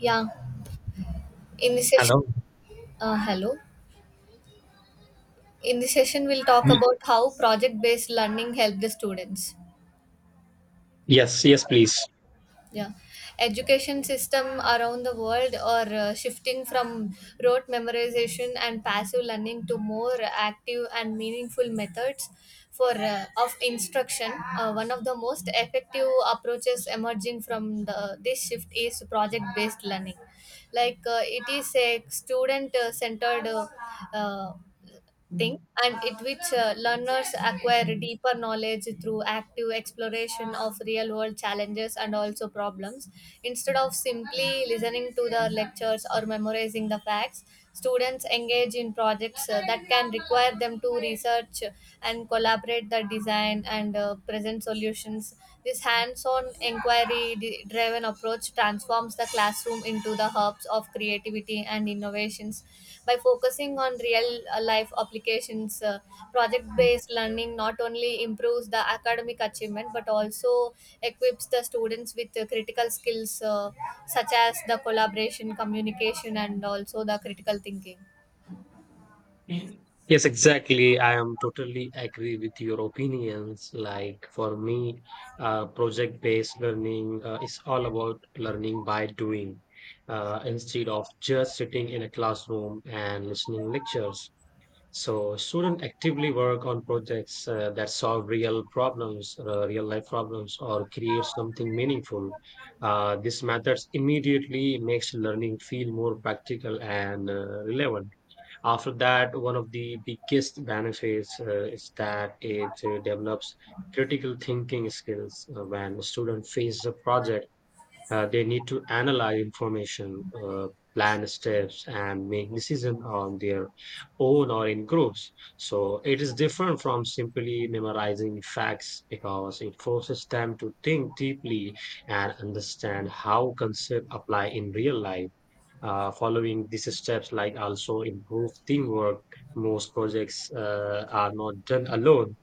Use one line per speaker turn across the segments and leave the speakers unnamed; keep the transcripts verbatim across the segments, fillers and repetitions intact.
Yeah, in this session,
Hello.
uh, hello. In this session, we'll talk
Y-
about how project-based learning help the students.
Yes, yes, please.
Yeah, education system around the world are uh, shifting from rote memorization and passive learning to more active and meaningful methods for uh, of instruction. Uh, one of the most effective approaches emerging from the this shift is project-based learning. Like uh, it is a student-centered. Uh, uh, Thing and it which uh, learners acquire deeper knowledge through active exploration of real world challenges and also problems instead of simply listening to the lectures or memorizing the facts. Students engage in projects uh, that can require them to research and collaborate the design and uh, present solutions. This hands on inquiry driven approach transforms the classroom into the hubs of creativity and innovations by focusing on real uh, life applications. Uh, project based learning not only improves the academic achievement but also equips the students with uh, critical skills, uh, such as the collaboration communication and also the critical thinking.
Yes, exactly. I am totally agree with your opinions. Like for me, uh, project-based learning uh, is all about learning by doing, uh, instead of just sitting in a classroom and listening lectures. So students actively work on projects uh, that solve real problems, uh, real life problems, or create something meaningful. Uh, this methods immediately makes learning feel more practical and uh, relevant. After that, one of the biggest benefits uh, is that it uh, develops critical thinking skills uh, when students face a project, uh, they need to analyze information, uh, plan steps, and make decisions on their own or in groups. So it is different from simply memorizing facts because it forces them to think deeply and understand how concepts apply in real life. Uh, following these steps, like, also improve teamwork. Most projects uh, are not done alone.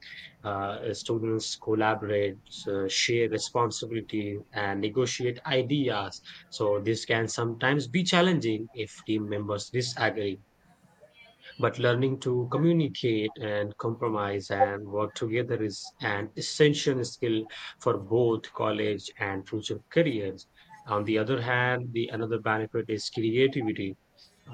Uh, students collaborate, uh, share responsibility, and negotiate ideas. So this can sometimes be challenging if team members disagree. But learning to communicate and compromise and work together is an essential skill for both college and future careers. On the other hand, the another benefit is creativity.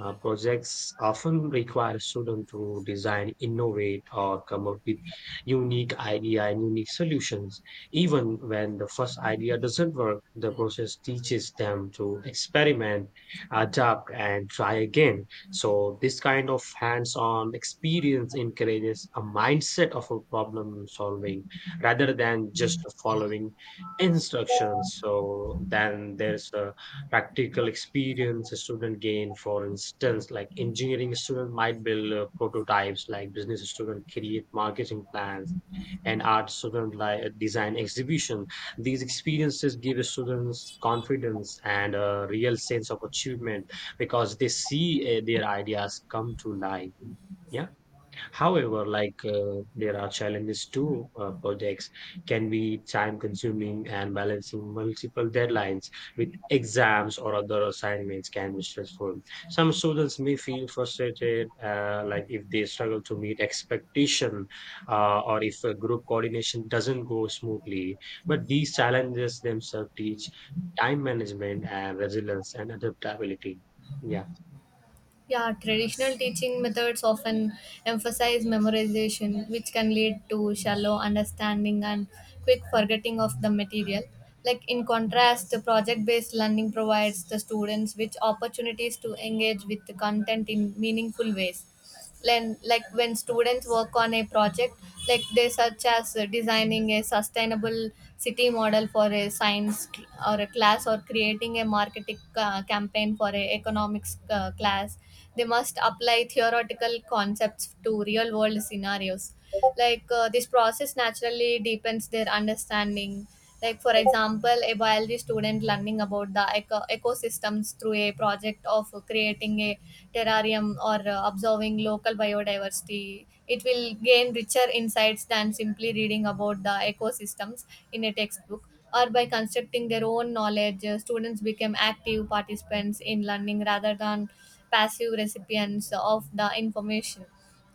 uh, Projects often require students to design, innovate, or come up with unique idea and unique solutions. Even when the first idea doesn't work, the process teaches them to experiment, adapt, and try again. So this kind of hands-on experience encourages a mindset of a problem solving rather than just following instructions. So then there's a practical experience a student gain. For instance, like, engineering student might build uh, prototypes, like business student create marketing plans and art student, like, uh, design exhibition. These experiences give students confidence and a real sense of achievement because they see uh, their ideas come to life. Yeah. However, like, uh, there are challenges too. Uh, projects can be time consuming and balancing multiple deadlines with exams or other assignments can be stressful. Some students may feel frustrated, uh, like if they struggle to meet expectation, uh, or if uh, group coordination doesn't go smoothly. But these challenges themselves teach time management and resilience and adaptability. Yeah.
Yeah, traditional teaching methods often emphasize memorization, which can lead to shallow understanding and quick forgetting of the material. Like, in contrast, the project based learning provides the students with opportunities to engage with the content in meaningful ways. Len- like when students work on a project like they such as uh, designing a sustainable city model for a science cl- or a class or creating a marketing uh, campaign for a economics uh, class, they must apply theoretical concepts to real world scenarios. Like uh, this process naturally deepens their understanding. Like, for example, a biology student learning about the eco- ecosystems through a project of creating a terrarium or uh, observing local biodiversity, it will gain richer insights than simply reading about the ecosystems in a textbook. Or by constructing their own knowledge, uh, students become active participants in learning rather than passive recipients of the information.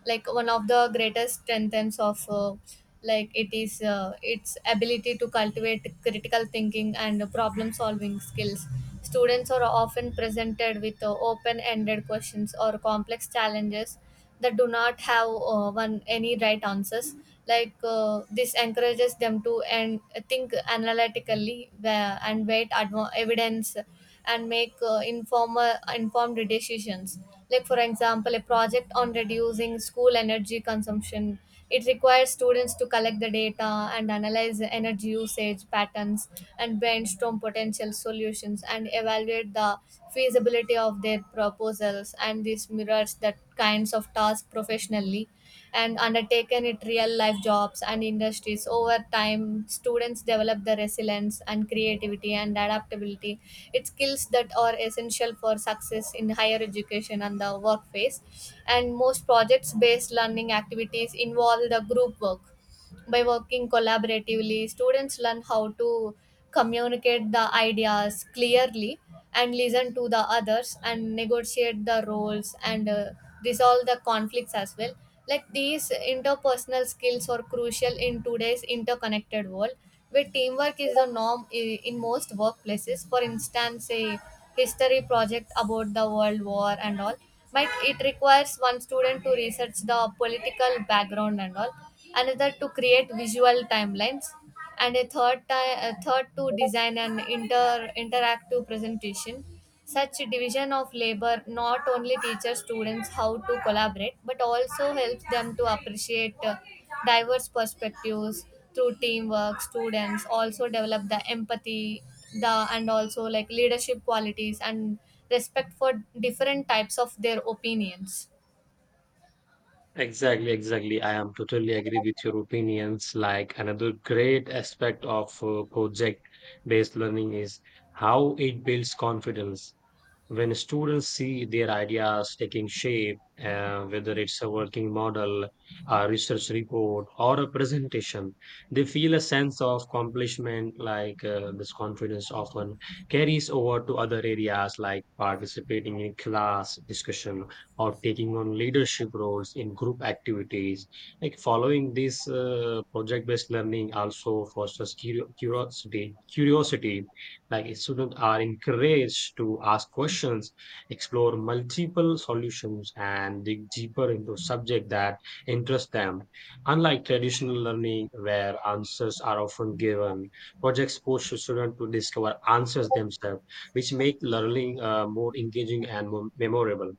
Like one of the greatest strengths of uh, like it is uh, its ability to cultivate critical thinking and problem solving skills. Students are often presented with uh, open-ended questions or complex challenges that do not have uh, one any right answers. Like uh, this encourages them to and think analytically wa- and weight adv- evidence and make uh, informal informed decisions. Like for example a project on reducing school energy consumption, it requires students to collect the data and analyze the energy usage patterns and brainstorm potential solutions and evaluate the feasibility of their proposals, and this mirrors that kinds of tasks professionally and undertaken it real life jobs and industries. Over time, students develop the resilience and creativity and adaptability, it's skills that are essential for success in higher education and the workplace. And most projects based learning activities involve the group work. By working collaboratively, students learn how to communicate the ideas clearly and listen to the others and negotiate the roles and uh, resolve the conflicts as well. Like these interpersonal skills are crucial in today's interconnected world where teamwork is the norm i- in most workplaces. For instance, a history project about the world war and all, but it requires one student to research the political background and all, another to create visual timelines, and a third ti- a third to design an inter interactive presentation. Such division of labor not only teaches students how to collaborate but also helps them to appreciate uh, diverse perspectives. Through teamwork students also develop the empathy the and also like leadership qualities and respect for different types of their opinions.
Exactly, exactly. I am totally agree with your opinions. Like another great aspect of uh, project-based learning is how it builds confidence. When students see their ideas taking shape, uh, whether it's a working model, a research report, or a presentation, they feel a sense of accomplishment. Like, uh, this confidence often carries over to other areas, like participating in class discussion or taking on leadership roles in group activities. Like, following this, uh, project-based learning also fosters curio- curiosity, curiosity. Like students are encouraged to ask questions, explore multiple solutions, and dig deeper into subject that interest them. Unlike traditional learning, where answers are often given, projects push students to discover answers themselves, which make learning uh, more engaging and more memorable.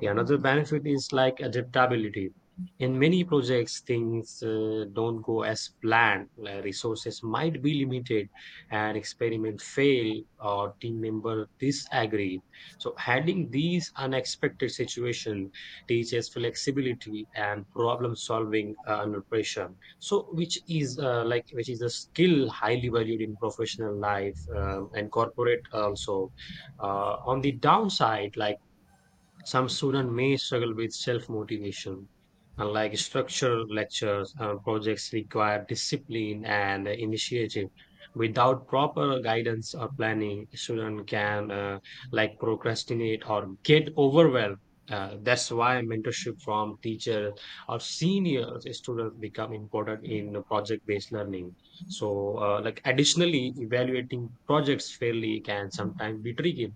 The another benefit is like adaptability. In many projects, things uh, don't go as planned. Uh, resources might be limited, an experiment fail, or team member disagree. So handling these unexpected situations teaches flexibility and problem solving uh, under pressure. So which is, uh, like, which is a skill highly valued in professional life um, and corporate also. Uh, on the downside, like, some students may struggle with self motivation, unlike structural lectures or projects require discipline and initiative. Without proper guidance or planning, students can, uh, like, procrastinate or get overwhelmed. Uh, that's why mentorship from teachers or seniors students become important in project-based learning. So, uh, like, additionally, evaluating projects fairly can sometimes be tricky.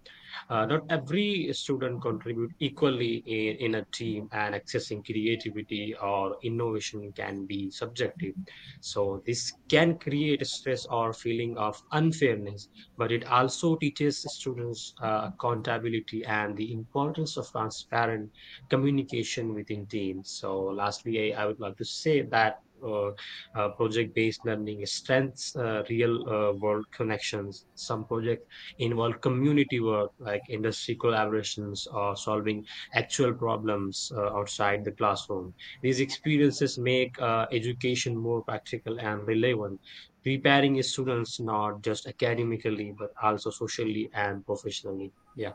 uh, Not every student contribute equally in, in a team, and accessing creativity or innovation can be subjective. So this can create stress or feeling of unfairness, but it also teaches students uh, accountability and the importance of transparent communication within teams. So lastly i, I would like to say that uh, uh, project-based learning strengthens uh, real-world connections. Some projects involve community work like industry collaborations or solving actual problems uh, outside the classroom. These experiences make uh, education more practical and relevant, preparing students not just academically but also socially and professionally. Yeah,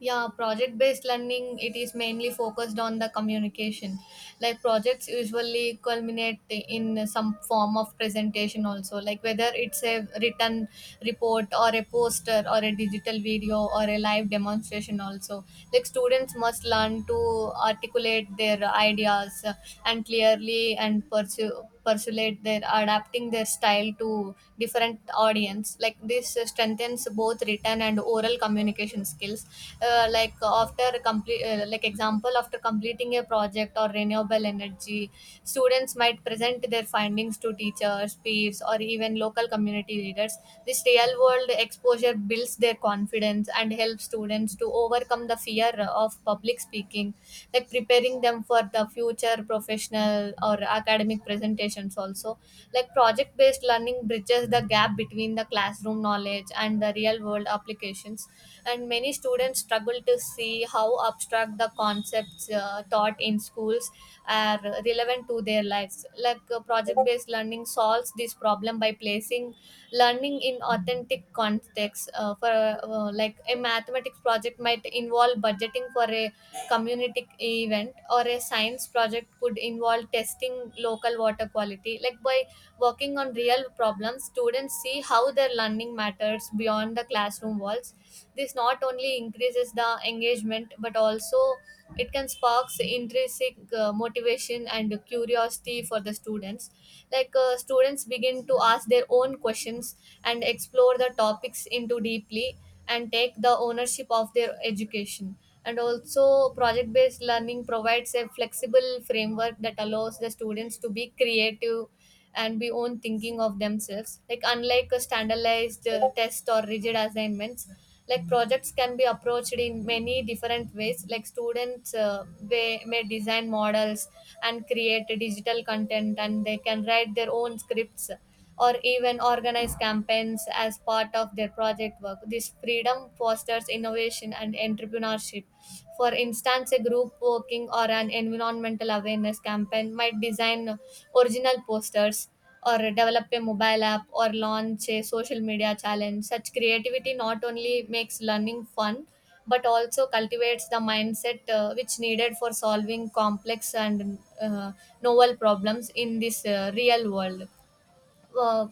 Yeah, project based learning it is mainly focused on the communication. Like projects usually culminate in some form of presentation also, like whether it's a written report or a poster or a digital video or a live demonstration also. Like students must learn to articulate their ideas uh, and clearly and pursue persuade their adapting their style to different audience. Like this uh, strengthens both written and oral communication skills. Uh, like after complete uh, like example after completing a project or renewable energy, students might present their findings to teachers peers or even local community leaders. This real world exposure builds their confidence and helps students to overcome the fear fear of public speaking, like preparing them for the future professional or academic presentations also. Like project based learning bridges the gap between the classroom knowledge and the real world applications. And many students struggle to see how abstract the concepts uh, taught in schools are relevant to their lives. Like project based learning solves this problem by placing learning in authentic contexts uh, for uh, like a mathematics project might involve budgeting for a community event or a science project could involve testing local water quality. Like by working on real problems, students see how their learning matters beyond the classroom walls. This not only increases the engagement but also it can sparks intrinsic uh, motivation and curiosity for the students. Like uh, students begin to ask their own questions and explore the topics into deeply and take the ownership of their education. And also, project based learning provides a flexible framework that allows the students to be creative and be own thinking of themselves. Like unlike a standardized uh, test or rigid assignments, like projects can be approached in many different ways. Like students uh, they may design models and create digital content and they can write their own scripts or even organize campaigns as part of their project work. This freedom fosters innovation and entrepreneurship. For instance, a group working or an environmental awareness campaign might design original posters or develop a mobile app or launch a social media challenge. Such creativity not only makes learning fun but also cultivates the mindset uh, which needed for solving complex and uh, novel problems in this uh, real world. Uh,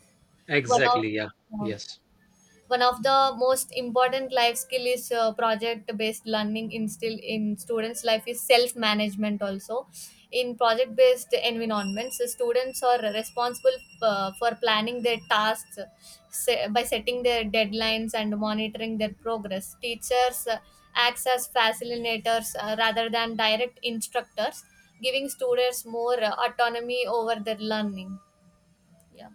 one of,
exactly. Yeah,
uh,
yes.
One of the most important life skill is uh, project based learning instill in students life is self management also. In project based environments, the students are responsible uh, for planning their tasks, se- by setting their deadlines and monitoring their progress. Teachers uh, acts as facilitators uh, rather than direct instructors, giving students more uh, autonomy over their learning. Yeah.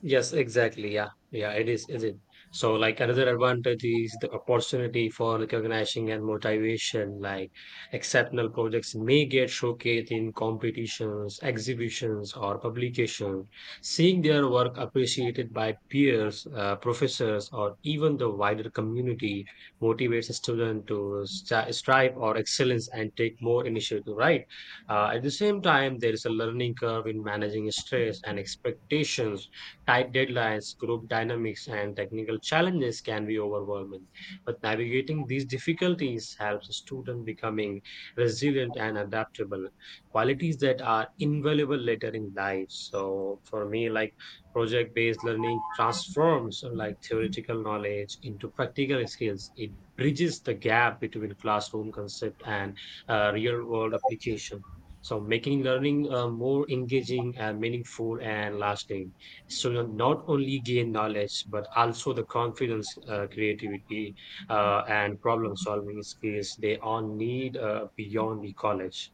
Yes, exactly. Yeah, yeah, it is, is it? So, like, another advantage is the opportunity for recognizing and motivation. Like exceptional projects may get showcased in competitions, exhibitions, or publication. Seeing their work appreciated by peers, uh, professors, or even the wider community motivates a student to st strive or excellence and take more initiative. Right. Uh, at the same time, there is a learning curve in managing stress and expectations. Tight deadlines, group dynamics, and technical challenges can be overwhelming, but navigating these difficulties helps students becoming resilient and adaptable, qualities that are invaluable later in life. So for me, like, project-based learning transforms, uh, like, theoretical knowledge into practical skills. It bridges the gap between classroom concept and uh, real-world application. So making learning uh, more engaging and meaningful and lasting. So you not only gain knowledge but also the confidence, uh, creativity, uh, and problem solving skills they all need uh, beyond the college.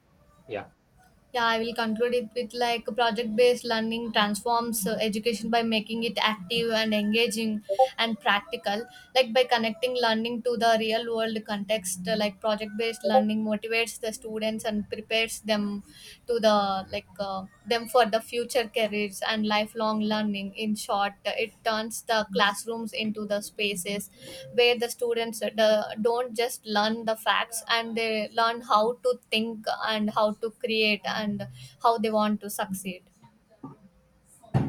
Yeah.
Yeah, I will conclude it with like project based learning transforms uh, education by making it active and engaging and practical. Like by connecting learning to the real world context, uh, like project based learning motivates the students and prepares them to the like uh, them for the future careers and lifelong learning. In short, it turns the classrooms into the spaces where the students uh, the, don't just learn the facts, and they learn how to think and how to create and how they want to succeed.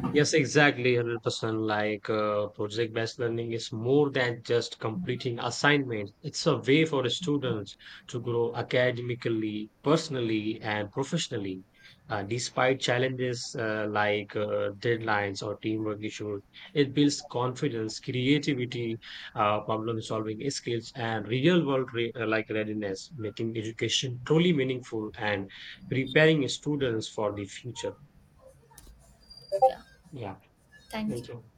Yes, exactly, one hundred percent. Like, uh, project-based learning is more than just completing assignments. It's a way for students to grow academically, personally, and professionally. Uh, despite challenges, uh, like, uh, deadlines or teamwork issues, it builds confidence, creativity, uh, problem-solving skills, and real-world re- uh, like, readiness, making education truly meaningful and preparing students for the future.
Yeah,
Yeah,
thank
thank
you.
you.